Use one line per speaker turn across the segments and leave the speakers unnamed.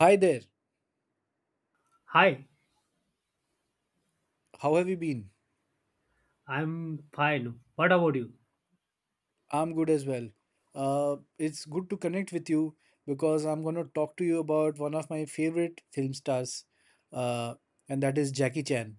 Hi there.
Hi,
How have you been?
I'm fine. What about you?
I'm good as well. It's good to connect with you because I'm going to talk to you about one of my favorite film stars, uh, and that is Jackie Chan.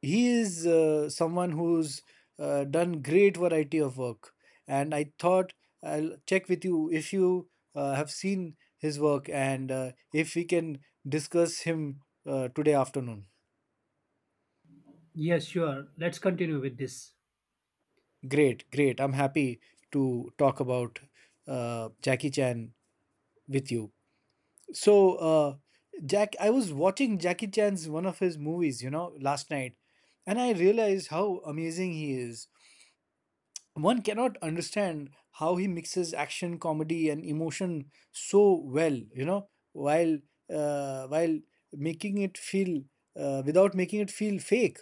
He is someone who's done great variety of work, and I thought I'll check with you if you have seen his work and if we can discuss him today afternoon.
Yes, sure. Let's continue with this.
Great, great. I'm happy to talk about Jackie Chan with you. So, Jack, I was watching Jackie Chan's one of his movies, you know, last night, and I realized how amazing he is. One cannot understand how he mixes action, comedy, and emotion so well, you know, while while making it feel without making it feel fake.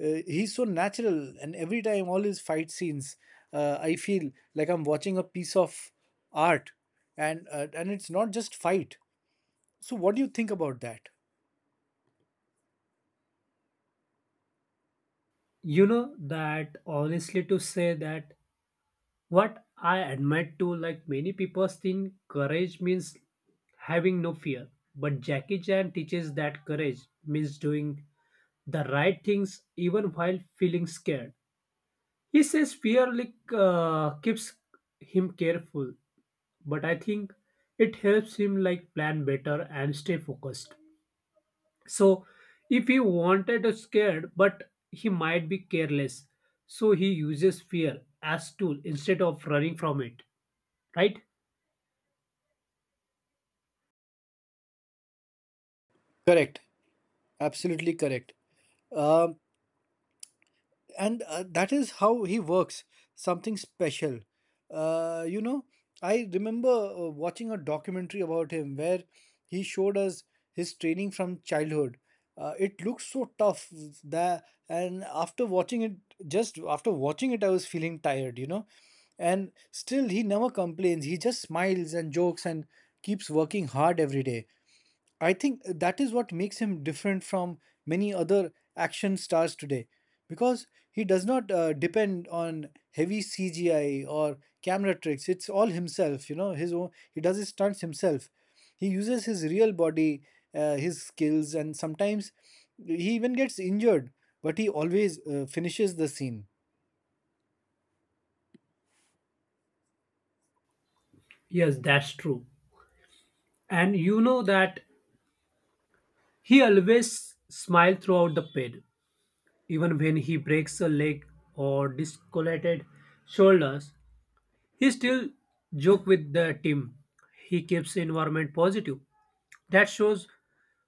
He's so natural, and every time all his fight scenes, I feel like I'm watching a piece of art, and it's not just fight, so what do you think about that?
You know that honestly to say that what I admire to like many people think courage means having no fear. But Jackie Chan teaches that courage means doing the right things even while feeling scared. He says fear like keeps him careful, but I think it helps him like plan better and stay focused. So if he wanted a scared, but he might be careless. So he uses fear as tool instead of running from it. Right?
Correct. Absolutely correct. Um, and That is how he works. Something special. You know, I remember watching a documentary about him where he showed us his training from childhood. It looks so tough that, and after watching it, just after watching it, I was feeling tired. You know, and still he never complains. He just smiles and jokes and keeps working hard every day. I think that is what makes him different from many other action stars today because he does not depend on heavy CGI or camera tricks. It's all himself, you know, his own, he does his stunts himself. He uses his real body, his skills, and sometimes he even gets injured, but he always finishes the scene.
Yes, that's true. And you know that he always smiles throughout the pain. Even when he breaks a leg or dislocated shoulders, he still joke with the team. He keeps environment positive. That shows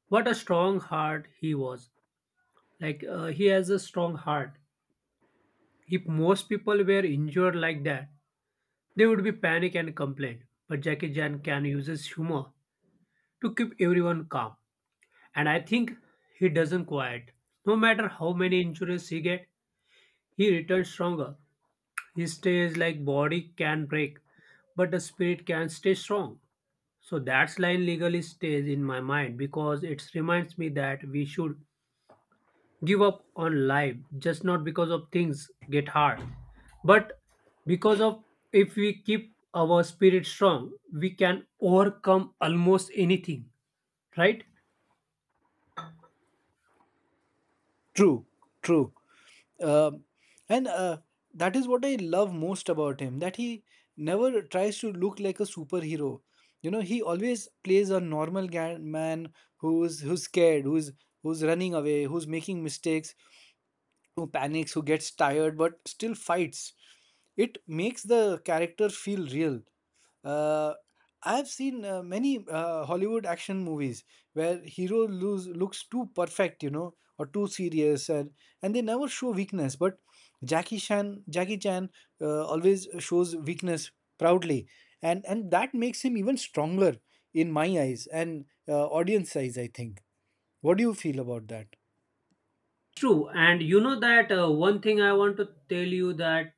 what a strong heart he was. Like he has a strong heart. If most people were injured like that, they would be panic and complain. But Jackie Chan can use his humor to keep everyone calm. And I think he doesn't quiet. No matter how many injuries he get, he returns stronger. He stays like body can break, but the spirit can stay strong. So that's line legally stays in my mind because it reminds me that we should give up on life just not because of things get hard, but because of if we keep our spirit strong we can overcome almost anything, right?
True, true. Um, and That is what I love most about him, that he never tries to look like a superhero. You know, he always plays a normal man who's scared, who's running away, who's making mistakes, who panics, who gets tired, but still fights. It makes the character feel real. Uh, I've seen many Hollywood action movies where hero lose, looks too perfect, you know, or too serious, and they never show weakness. But Jackie Chan always shows weakness proudly, and that makes him even stronger in my eyes and audience eyes, I think. What do you feel about that?
true. And you know that one thing I want to tell you that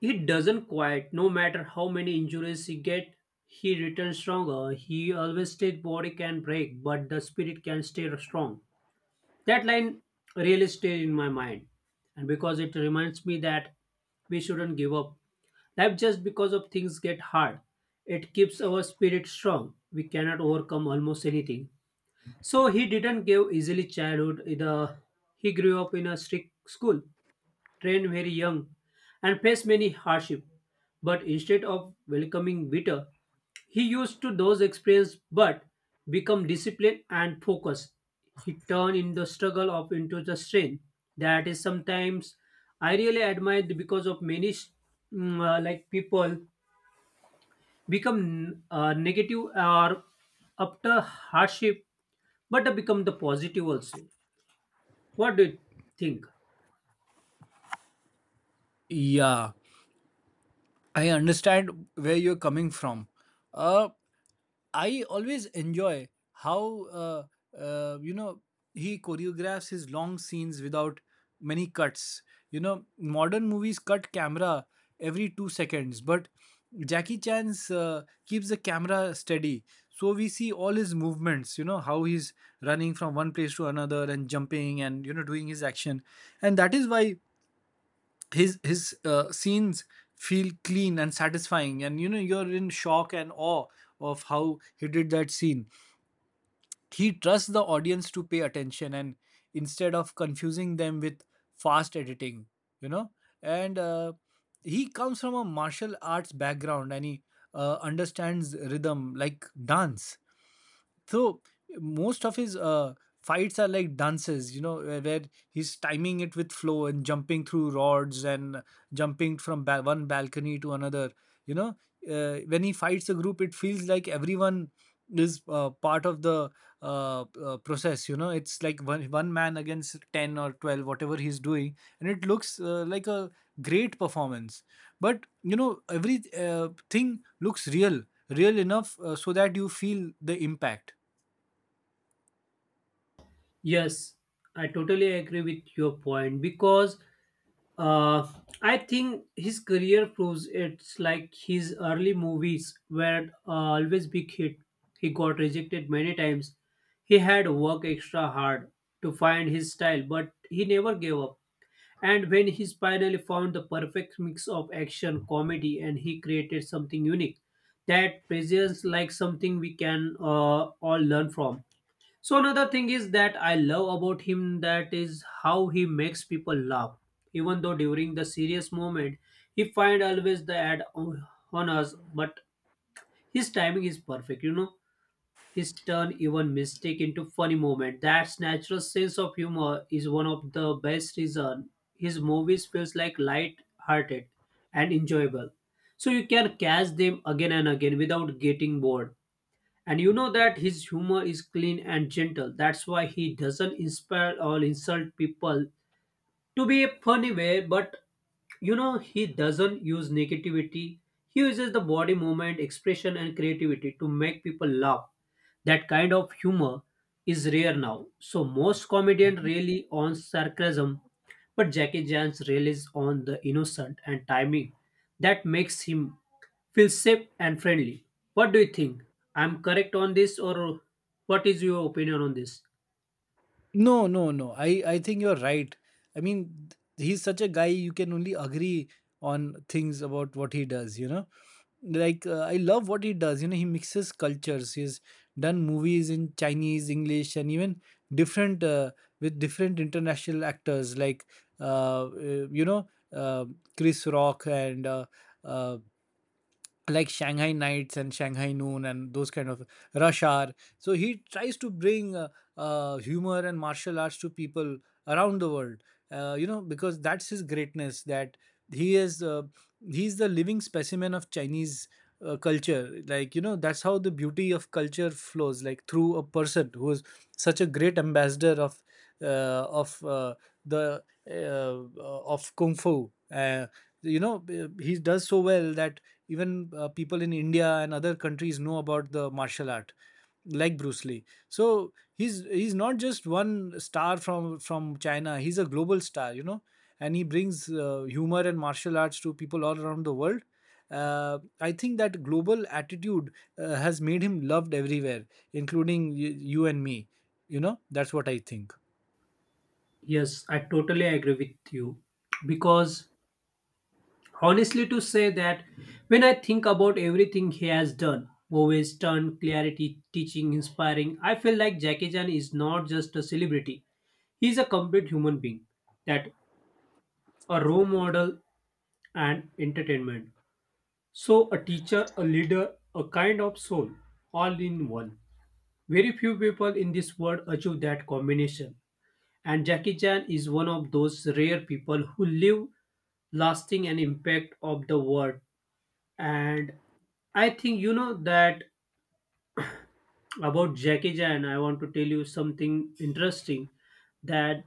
he doesn't quite. No matter how many injuries he get, he returns stronger. He always state body can break but the spirit can stay strong. That line really stayed in my mind, and because it reminds me that we shouldn't give up. Life just because of things get hard. It keeps our spirit strong. We cannot overcome almost anything. So he didn't give easily childhood either. He grew up in a strict school, trained very young, and faced many hardships. But instead of welcoming bitter, he used to those experiences but become disciplined and focused. He turned in the struggle of into the strength. That is sometimes I really admired because of many like people become negative or after hardship, but they become the positive also. What do you think?
Yeah, I understand where you're coming from. Uh, I always enjoy how you know, he choreographs his long scenes without many cuts. You know, modern movies cut camera every 2 seconds, but Jackie Chan's keeps the camera steady, so we see all his movements. You know how he's running from one place to another and jumping, and you know, doing his action, and that is why his scenes feel clean and satisfying, and you know, you're in shock and awe of how he did that scene. He trusts the audience to pay attention and instead of confusing them with fast editing, you know. And he comes from a martial arts background, and he understands rhythm like dance, so most of his fights are like dances, you know, where he's timing it with flow and jumping through rods and jumping from one balcony to another, you know. When he fights a group, it feels like everyone is part of the uh, process, you know. It's like one man against 10 or 12, whatever he's doing, and it looks like a great performance. But you know, every thing looks real, real enough so that you feel the impact.
Yes, I totally agree with your point, because uh, I think his career proves it's like his early movies were always big hit. He got rejected many times. He had worked extra hard to find his style, but he never gave up. And when he finally found the perfect mix of action, comedy, and he created something unique that presents like something we can all learn from. So another thing is that I love about him, that is how he makes people laugh. Even though during the serious moment, he find always the ad on us, but his timing is perfect. You know, his turn even mistake into funny moment. That natural sense of humor is one of the best reason his movies feels like light hearted and enjoyable. So you can catch them again and again without getting bored. And you know that his humor is clean and gentle. That's why he doesn't inspire or insult people to be a funny way, but you know, he doesn't use negativity. He uses the body movement, expression, and creativity to make people laugh. That kind of humor is rare now. So most comedians really on sarcasm, but Jackie Chan's relies on the innocent and timing. That makes him feels safe and friendly. What do you think? I'm correct on this, or what is your opinion on this?
No, no, no. I think you're right. I mean, he's such a guy you can only agree on things about what he does, you know. Like I love what he does, you know, he mixes cultures. He's done movies in Chinese, English, and even different with different international actors like uh, uh, you know, uh, Chris Rock and uh, like Shanghai Nights and Shanghai Noon and those kind of Rush Hour. So he tries to bring humor and martial arts to people around the world. You know, because that's his greatness. That he is he's the living specimen of Chinese culture. Like, you know, that's how the beauty of culture flows. Like through a person who is such a great ambassador uh, of the of kung fu. You know, he does so well that even people in India and other countries know about the martial art, like Bruce Lee. So he's not just one star from China, he's a global star, you know. And he brings humor and martial arts to people all around the world. I think that global attitude has made him loved everywhere, including you and me. You know, that's what I think.
Yes, I totally agree with you. Because honestly, to say that when I think about everything he has done movies, turn, clarity, teaching, inspiring, I feel like Jackie Chan is not just a celebrity, he's a complete human being, that a role model and entertainment. So a teacher, a leader, a kind of soul, all in one. Very few people in this world achieve that combination. And Jackie Chan is one of those rare people who leave lasting an impact of the world. And I think you know that about Jackie Chan, I want to tell you something interesting, that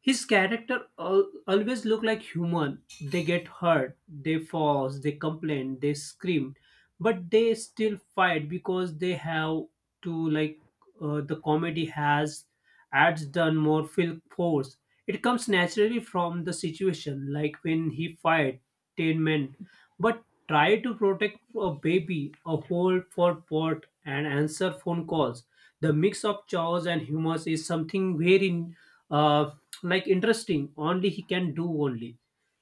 always look like human. They get hurt, they fall, they complain, they scream, but they still fight because they have to. Like the comedy has adds done more feel force. It comes naturally from the situation, like when he fight 10 men but try to protect a baby, a hole for pot, and answer phone calls. The mix of chores and humors is something very uh, like interesting. Only he can do only.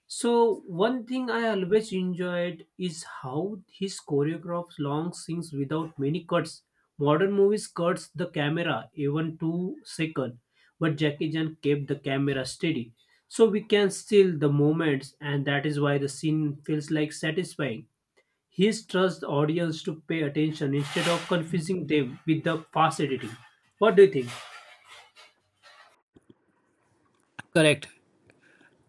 So one thing I always enjoyed is how his choreographs long scenes without many cuts. Modern movies cuts the camera even 2 second, but Jackie Chan kept the camera steady, so we can still the moments, and that is why the scene feels like satisfying. He trusts the audience to pay attention instead of confusing them with the fast editing. What do you think?
Correct.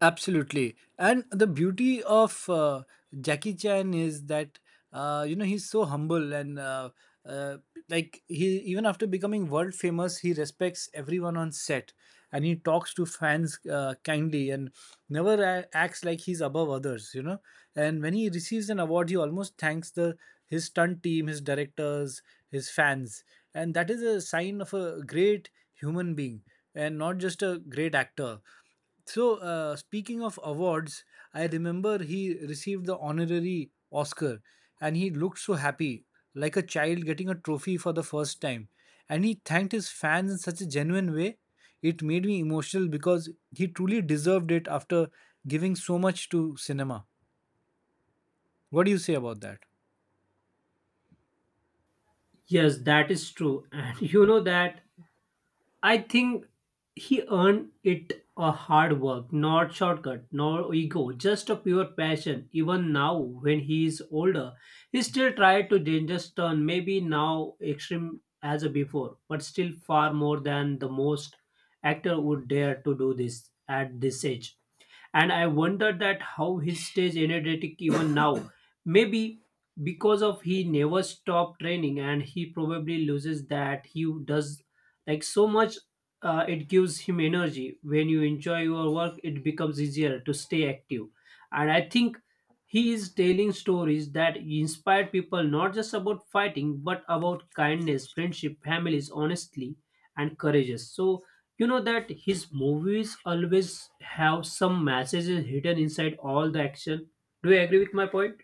Absolutely. And the beauty of Jackie Chan is that, you know, he's so humble, and uh, like he, even after becoming world famous, he respects everyone on set, and he talks to fans kindly, and never acts like he's above others, you know. And when he receives an award, he almost thanks the his stunt team, his directors, his fans. And that is a sign of a great human being and not just a great actor. So, speaking of awards, I remember he received the honorary Oscar and he looked so happy, like a child getting a trophy for the first time. And he thanked his fans in such a genuine way. It made me emotional because he truly deserved it after giving so much to cinema. What do you say about that?
Yes, that is true, and you know that I think he earned it a hard work, not shortcut, nor ego, just a pure passion. Even now, when he is older, he still tried to dangerous turn, maybe now extreme as a before, but still far more than the most actor would dare to do this at this age. And I wonder that how he stays energetic even now. Maybe because of he never stopped training, and he probably loses that he does like so much. It gives him energy. When you enjoy your work, it becomes easier to stay active. And I think he is telling stories that inspire people, not just about fighting but about kindness, friendship, families, honestly, and courageous. So you know that his movies always have some messages hidden inside all the action. Do you agree with my point?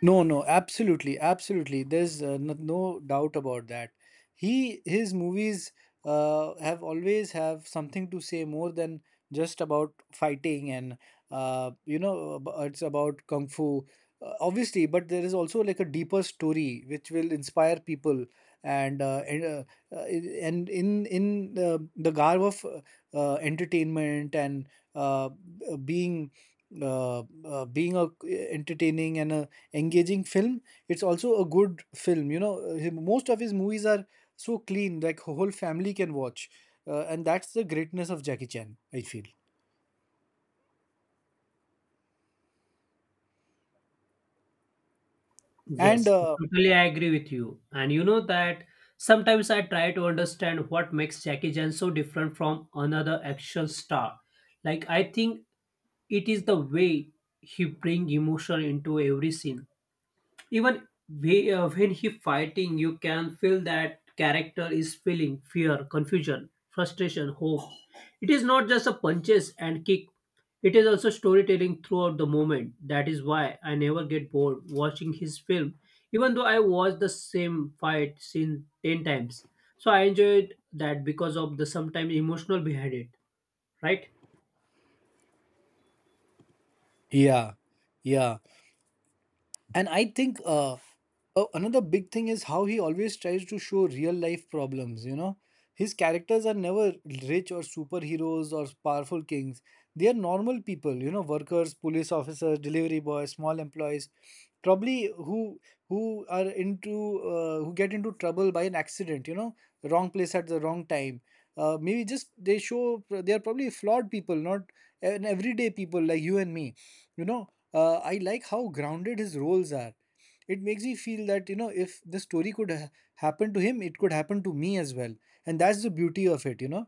No, no, absolutely, absolutely. There's no, no doubt about that. He, his movies have always have something to say more than just about fighting, and you know, it's about kung fu, obviously. But there is also like a deeper story which will inspire people, and uh, and, uh, and in the garb of entertainment and uh, being being a entertaining and a engaging film. It's also a good film. You know, most of his movies are so clean, like whole family can watch, and that's the greatness of Jackie Chan, I feel.
Yes,
And
totally I totally agree with you. And you know that sometimes I try to understand what makes Jackie Chan so different from another action star. Like I think it is the way he bring emotion into every scene. When he fighting, you can feel that character is feeling fear, confusion, frustration, hope. It is not just a punches and kick. It is also storytelling throughout the moment. That is why I never get bored watching his film, even though I watch the same fight scene 10 times. So I enjoyed that because of the sometimes emotional behind it, right?
Yeah, yeah. And I think another big thing is how he always tries to show real life problems, you know. His characters are never rich or superheroes or powerful kings. They are normal people, you know, workers, police officers, delivery boys, small employees, probably who are into who get into trouble by an accident, you know, the wrong place at the wrong time. Maybe just they show they are probably flawed people, not an everyday people like you and me, you know. I like how grounded his roles are. It makes me feel that, you know, if the story could happen to him, it could happen to me as well. And that's the beauty of it, you know.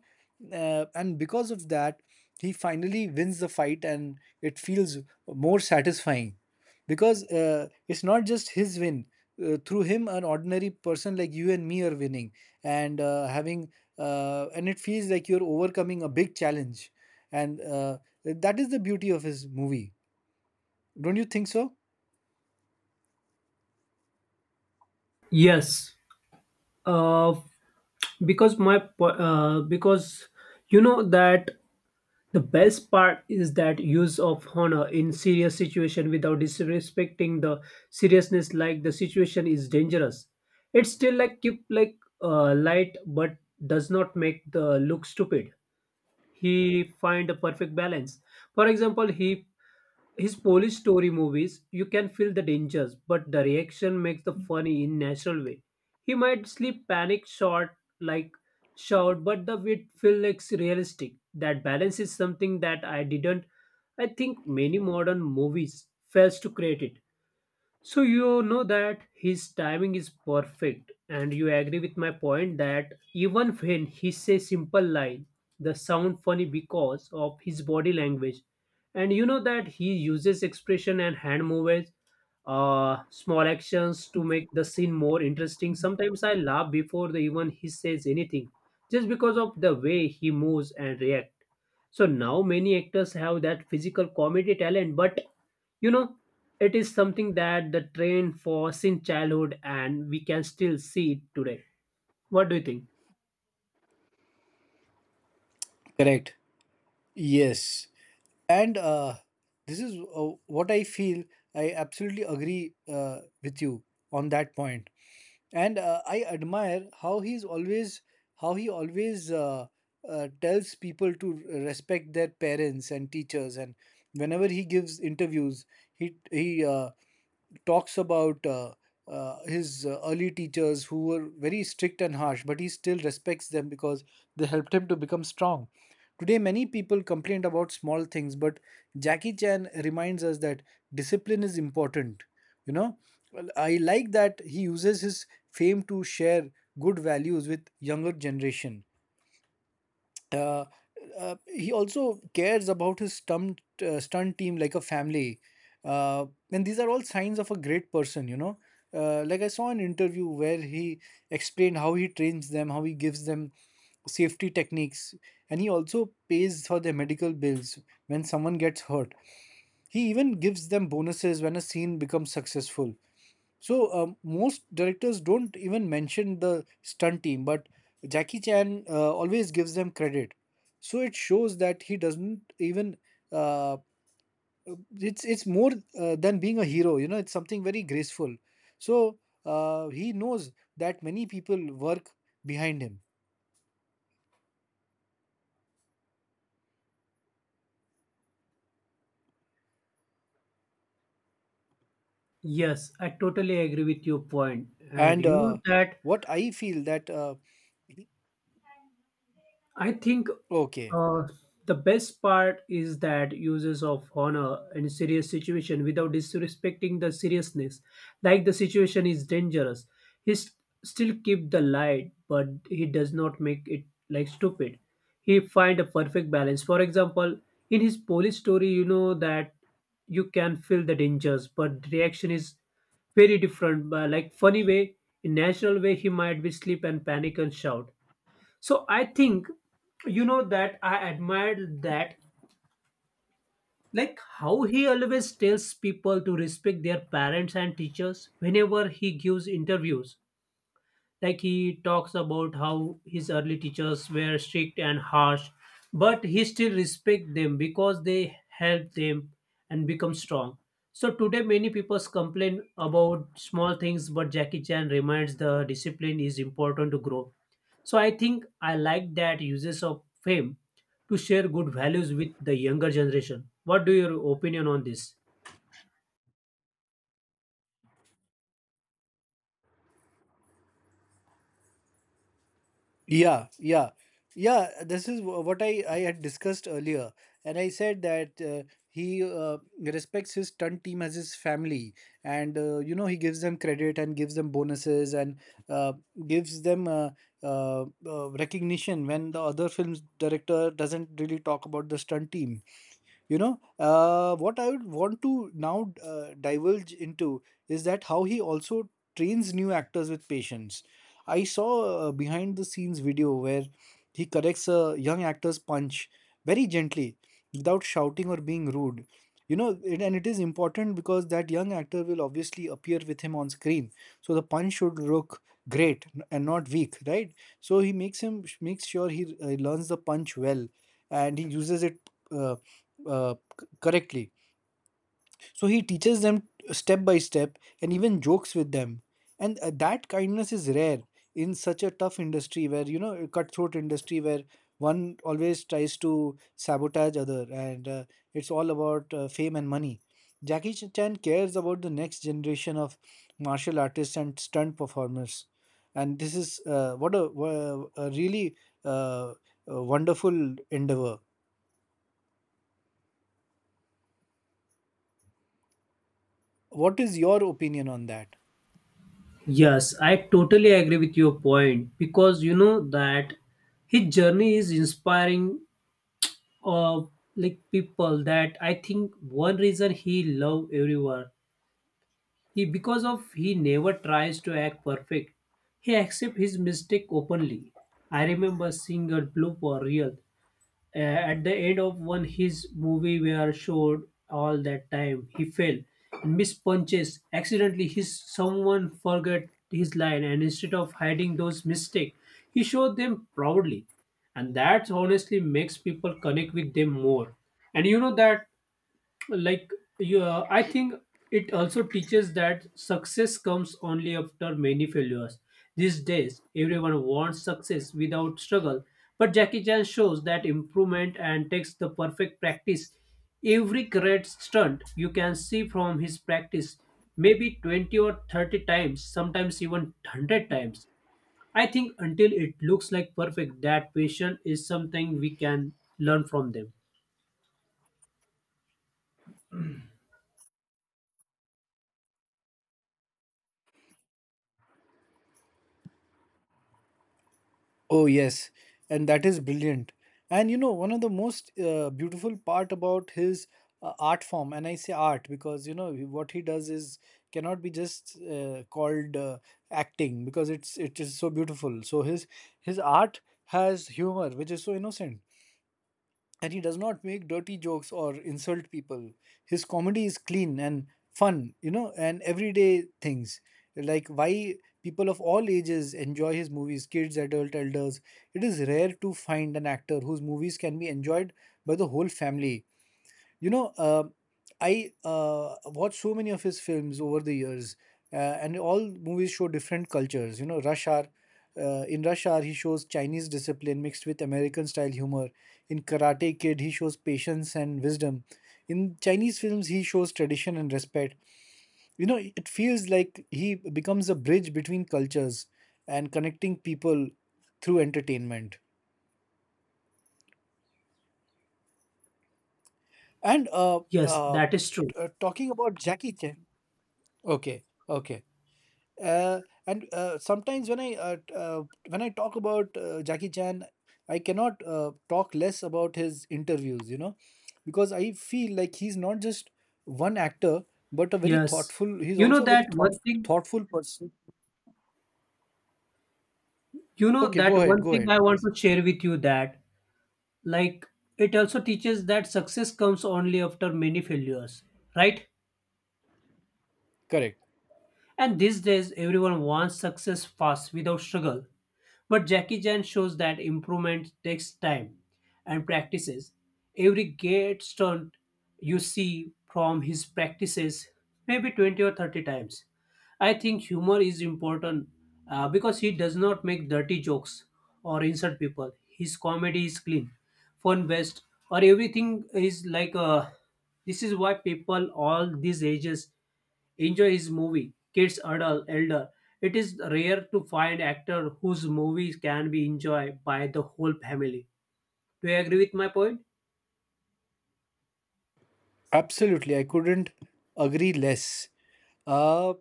And because of that, he finally wins the fight and it feels more satisfying because it's not just his win. Through him, an ordinary person like you and me are winning and uh, having, and it feels like you're overcoming a big challenge. And that is the beauty of his movie. Don't you think so?
Yes, uh, because because you know that the best part is that use of honor in serious situation without disrespecting the seriousness, like the situation is dangerous. It's still like keep like light but does not make the look stupid. He find a perfect balance. For example, he his Polish story movies, you can feel the dangers, but the reaction makes the funny in natural way. He might sleep panic short like shout, but the wit feel like realistic. That balance is something that I didn't. I think many modern movies fails to create it. So you know that his timing is perfect, and you agree with my point that even when he says simple line, the sound funny because of his body language, and you know that he uses expression and hand movements, small actions to make the scene more interesting. Sometimes I laugh before the even he says anything, just because of the way he moves and react. So now many actors have that physical comedy talent, but you know it is something that the train for since childhood and we can still see it today. What do you think?
Correct. Yes. And this is what I feel. I absolutely agree with you on that point. And I admire how he always tells people to respect their parents and teachers. And whenever he gives interviews, he talks about his early teachers who were very strict and harsh, but he still respects them because they helped him to become strong. Today, many people complain about small things, but Jackie Chan reminds us that discipline is important. You know, well, I like that he uses his fame to share good values with younger generation. Uh, uh, he also cares about his stunt team like a family, uh, and these are all signs of a great person, you know. Like I saw an interview where he explained how he trains them, how he gives them safety techniques, and he also pays for their medical bills when someone gets hurt. He even gives them bonuses when a scene becomes successful. So most directors don't even mention the stunt team, but Jackie Chan always gives them credit. So it shows that he doesn't even. Uh, it's it's more than being a hero. You know, it's something very graceful. So he knows that many people work behind him,
Yes, I totally agree with your point. And
and
you know that
what I feel that
I think
okay.
uh, the best part is that uses of honor in serious situation without disrespecting the seriousness. Like the situation is dangerous, he st- still keep the light, but he does not make it like stupid. He find a perfect balance. For example, in his police story, you know that you can feel the dangers, but reaction is very different. But like funny way, in natural way, he might be sleep and panic and shout. So I think, you know, that I admired that, like how he always tells people to respect their parents and teachers whenever he gives interviews. Like he talks about how his early teachers were strict and harsh, but he still respect them because they helped them and become strong. So today many people complain about small things, but Jackie Chan reminds the discipline is important to grow. So I think I like that uses of fame to share good values with the younger generation. What do your opinion on this?
Yeah, yeah, yeah. This is what I had discussed earlier, and I said that he respects his stunt team as his family, and you know he gives them credit and gives them bonuses and uh, gives them recognition when the other films director doesn't really talk about the stunt team. You know, what I would want to now divulge into is that how he also trains new actors with patience. I saw a behind the scenes video where he corrects a young actor's punch very gently without shouting or being rude, you know it, and it is important because that young actor will obviously appear with him on screen. So the punch should look great and not weak, right? So he makes sure he learns the punch well and he uses it uh, uh, correctly. So he teaches them step by step and even jokes with them. And that kindness is rare in such a tough industry where, you know, a cutthroat industry where one always tries to sabotage other and it's all about fame and money. Jackie Chan cares about the next generation of martial artists and stunt performers. And this is a really uh, a wonderful endeavor. What is your opinion on that?
Yes, I totally agree with your point, because you know that his journey is inspiring of like people, that I think one reason he love everyone he because of he never tries to act perfect. He accept his mistake openly. I remember seeing a blue for real at the end of one his movie were showed all that time he fell and missed punches accidentally his someone forgot his line, and instead of hiding those mistakes he showed them proudly, and that honestly makes people connect with them more. And you know that like you I think it also teaches that success comes only after many failures. These days everyone wants success without struggle, but Jackie Chan shows that improvement and takes the perfect practice. Every great stunt you can see from his practice maybe 20 or 30 times, sometimes even 100 times, I think, until it looks like perfect. That patient is something we can learn from them.
Oh, yes. And that is brilliant. And you know, one of the most beautiful part about his art form, and I say art because you know what he does is cannot be just called acting because it is so beautiful. So his art has humor, which is so innocent and he does not make dirty jokes or insult people. His comedy is clean and fun, you know, and everyday things. Like why people of all ages enjoy his movies, kids, adult, elders. It is rare to find an actor whose movies can be enjoyed by the whole family. You know, I watched so many of his films over the years, and all movies show different cultures. You know, Rush Hour. In Rush Hour, he shows Chinese discipline mixed with American style humor. In Karate Kid, he shows patience and wisdom. In Chinese films, he shows tradition and respect. You know, it feels like he becomes a bridge between cultures and connecting people through entertainment. And
Yes, that is true.
Talking about Jackie Chan. Okay, okay. And Sometimes when I when I talk about Jackie Chan, I cannot talk less about his interviews, you know, because I feel like he's not just one actor, but a very
Yes.
thoughtful. He's
You know
also a very
that
thought
one thing,
thoughtful person.
you know
Okay,
that one
go
thing
ahead,
I want
please.
to share with you, that like it also teaches that success comes only after many failures, right?
Correct.
And these days everyone wants success fast without struggle. But Jackie Chan shows that improvement takes time and practices. Every gate stunt you see from his practices, maybe 20 or 30 times. I think humor is important, because he does not make dirty jokes or insult people. His comedy is clean, fun based, or everything is like this is why people all these ages enjoy his movie, kids, adult, elder. It is rare to find actor whose movies can be enjoyed by the whole family. Do you agree with my point?
Absolutely, I couldn't agree less. Uh,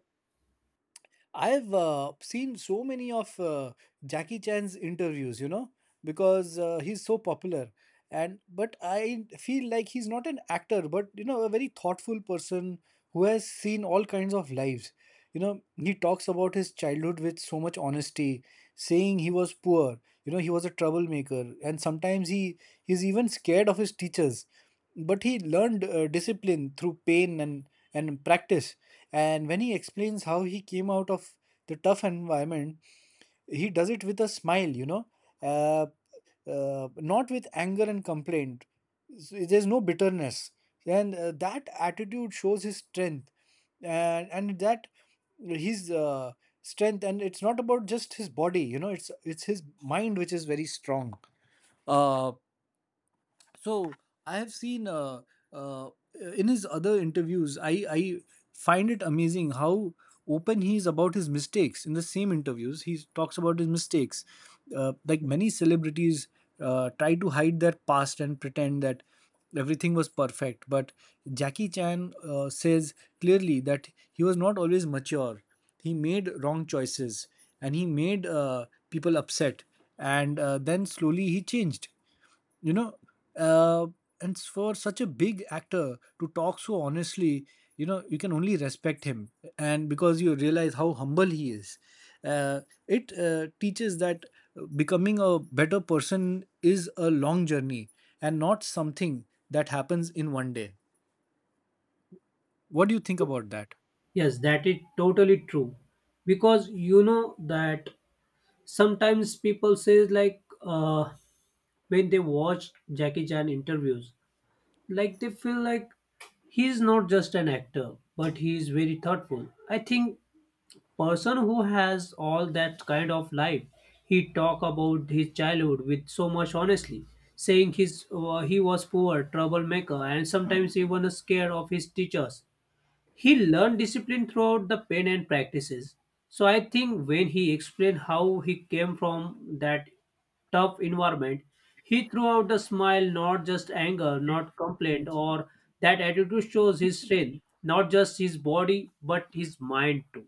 I've seen so many of Jackie Chan's interviews, you know, because he's so popular. And but I feel like he's not an actor, but you know, a very thoughtful person who has seen all kinds of lives. You know, he talks about his childhood with so much honesty, saying he was poor, you know, he was a troublemaker, and sometimes he's even scared of his teachers. But he learned discipline through pain and practice. And when he explains how he came out of the tough environment, he does it with a smile, you know, uh, not with anger and complaint. So there's no bitterness. And that attitude shows his strength. And that his strength, and it's not about just his body, you know, it's his mind which is very strong. Uh, so I have seen uh, in his other interviews I find it amazing how open he is about his mistakes. In the same interviews he talks about his mistakes. Like many celebrities try to hide their past and pretend that everything was perfect, but Jackie Chan says clearly that he was not always mature, he made wrong choices, and he made people upset, and then slowly he changed, you know. uh, and for such a big actor to talk so honestly, you know you can only respect him, and because you realize how humble he is. uh, it teaches that becoming a better person is a long journey and not something that happens in one day. What do you think about that?
Yes, that is totally true. Because you know that sometimes people says like when they watch Jackie Chan interviews, like they feel like he's not just an actor, but he is very thoughtful. I think person who has all that kind of life. He talk about his childhood with so much honestly, saying his he was poor troublemaker and sometimes even scared of his teachers. He learned discipline throughout the pain and practices. So I think when he explained how he came from that tough environment, he threw out a smile, not just anger, not complaint or. That attitude shows his strength, not just his body but his mind too,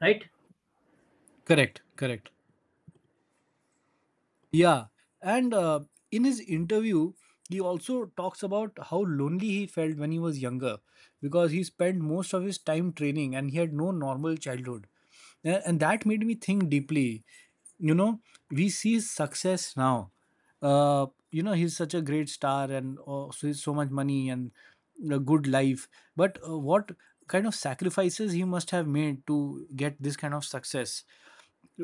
right?
Correct, correct. Yeah, and in his interview, he also talks about how lonely he felt when he was younger because he spent most of his time training and he had no normal childhood. And that made me think deeply. You know, we see his success now. You know, he's such a great star and oh, so, so much money and a good life. But what kind of sacrifices he must have made to get this kind of success?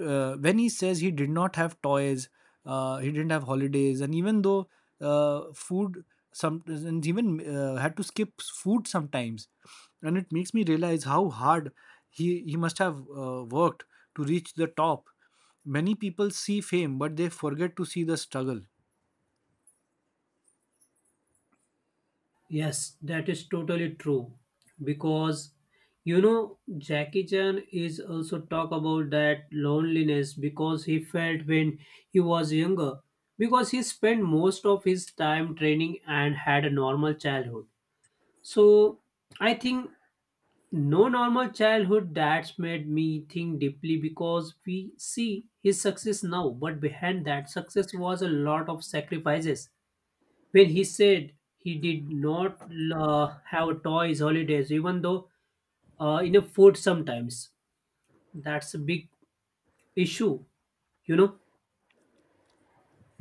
When he says he did not have toys, he didn't have holidays, and even though food some and even had to skip food sometimes, and it makes me realize how hard he must have worked to reach the top. Many people see fame, but they forget to see the struggle.
Yes, that is totally true. Because you know, Jackie Chan is also talk about that loneliness because he felt when he was younger. Because he spent most of his time training and had a normal childhood. So I think no normal childhood that's made me think deeply, because we see his success now, but behind that success was a lot of sacrifices. When he said he did not have toys holidays, even though in a food sometimes, that's a big issue, you know.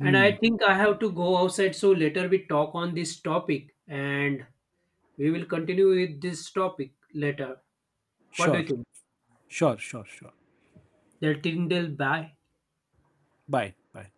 And I think I have to go outside, so later we talk on this topic, and we will continue with this topic later. What do
Sure.
you think?
Sure. Sure. Sure.
Till bye.
Bye. Bye.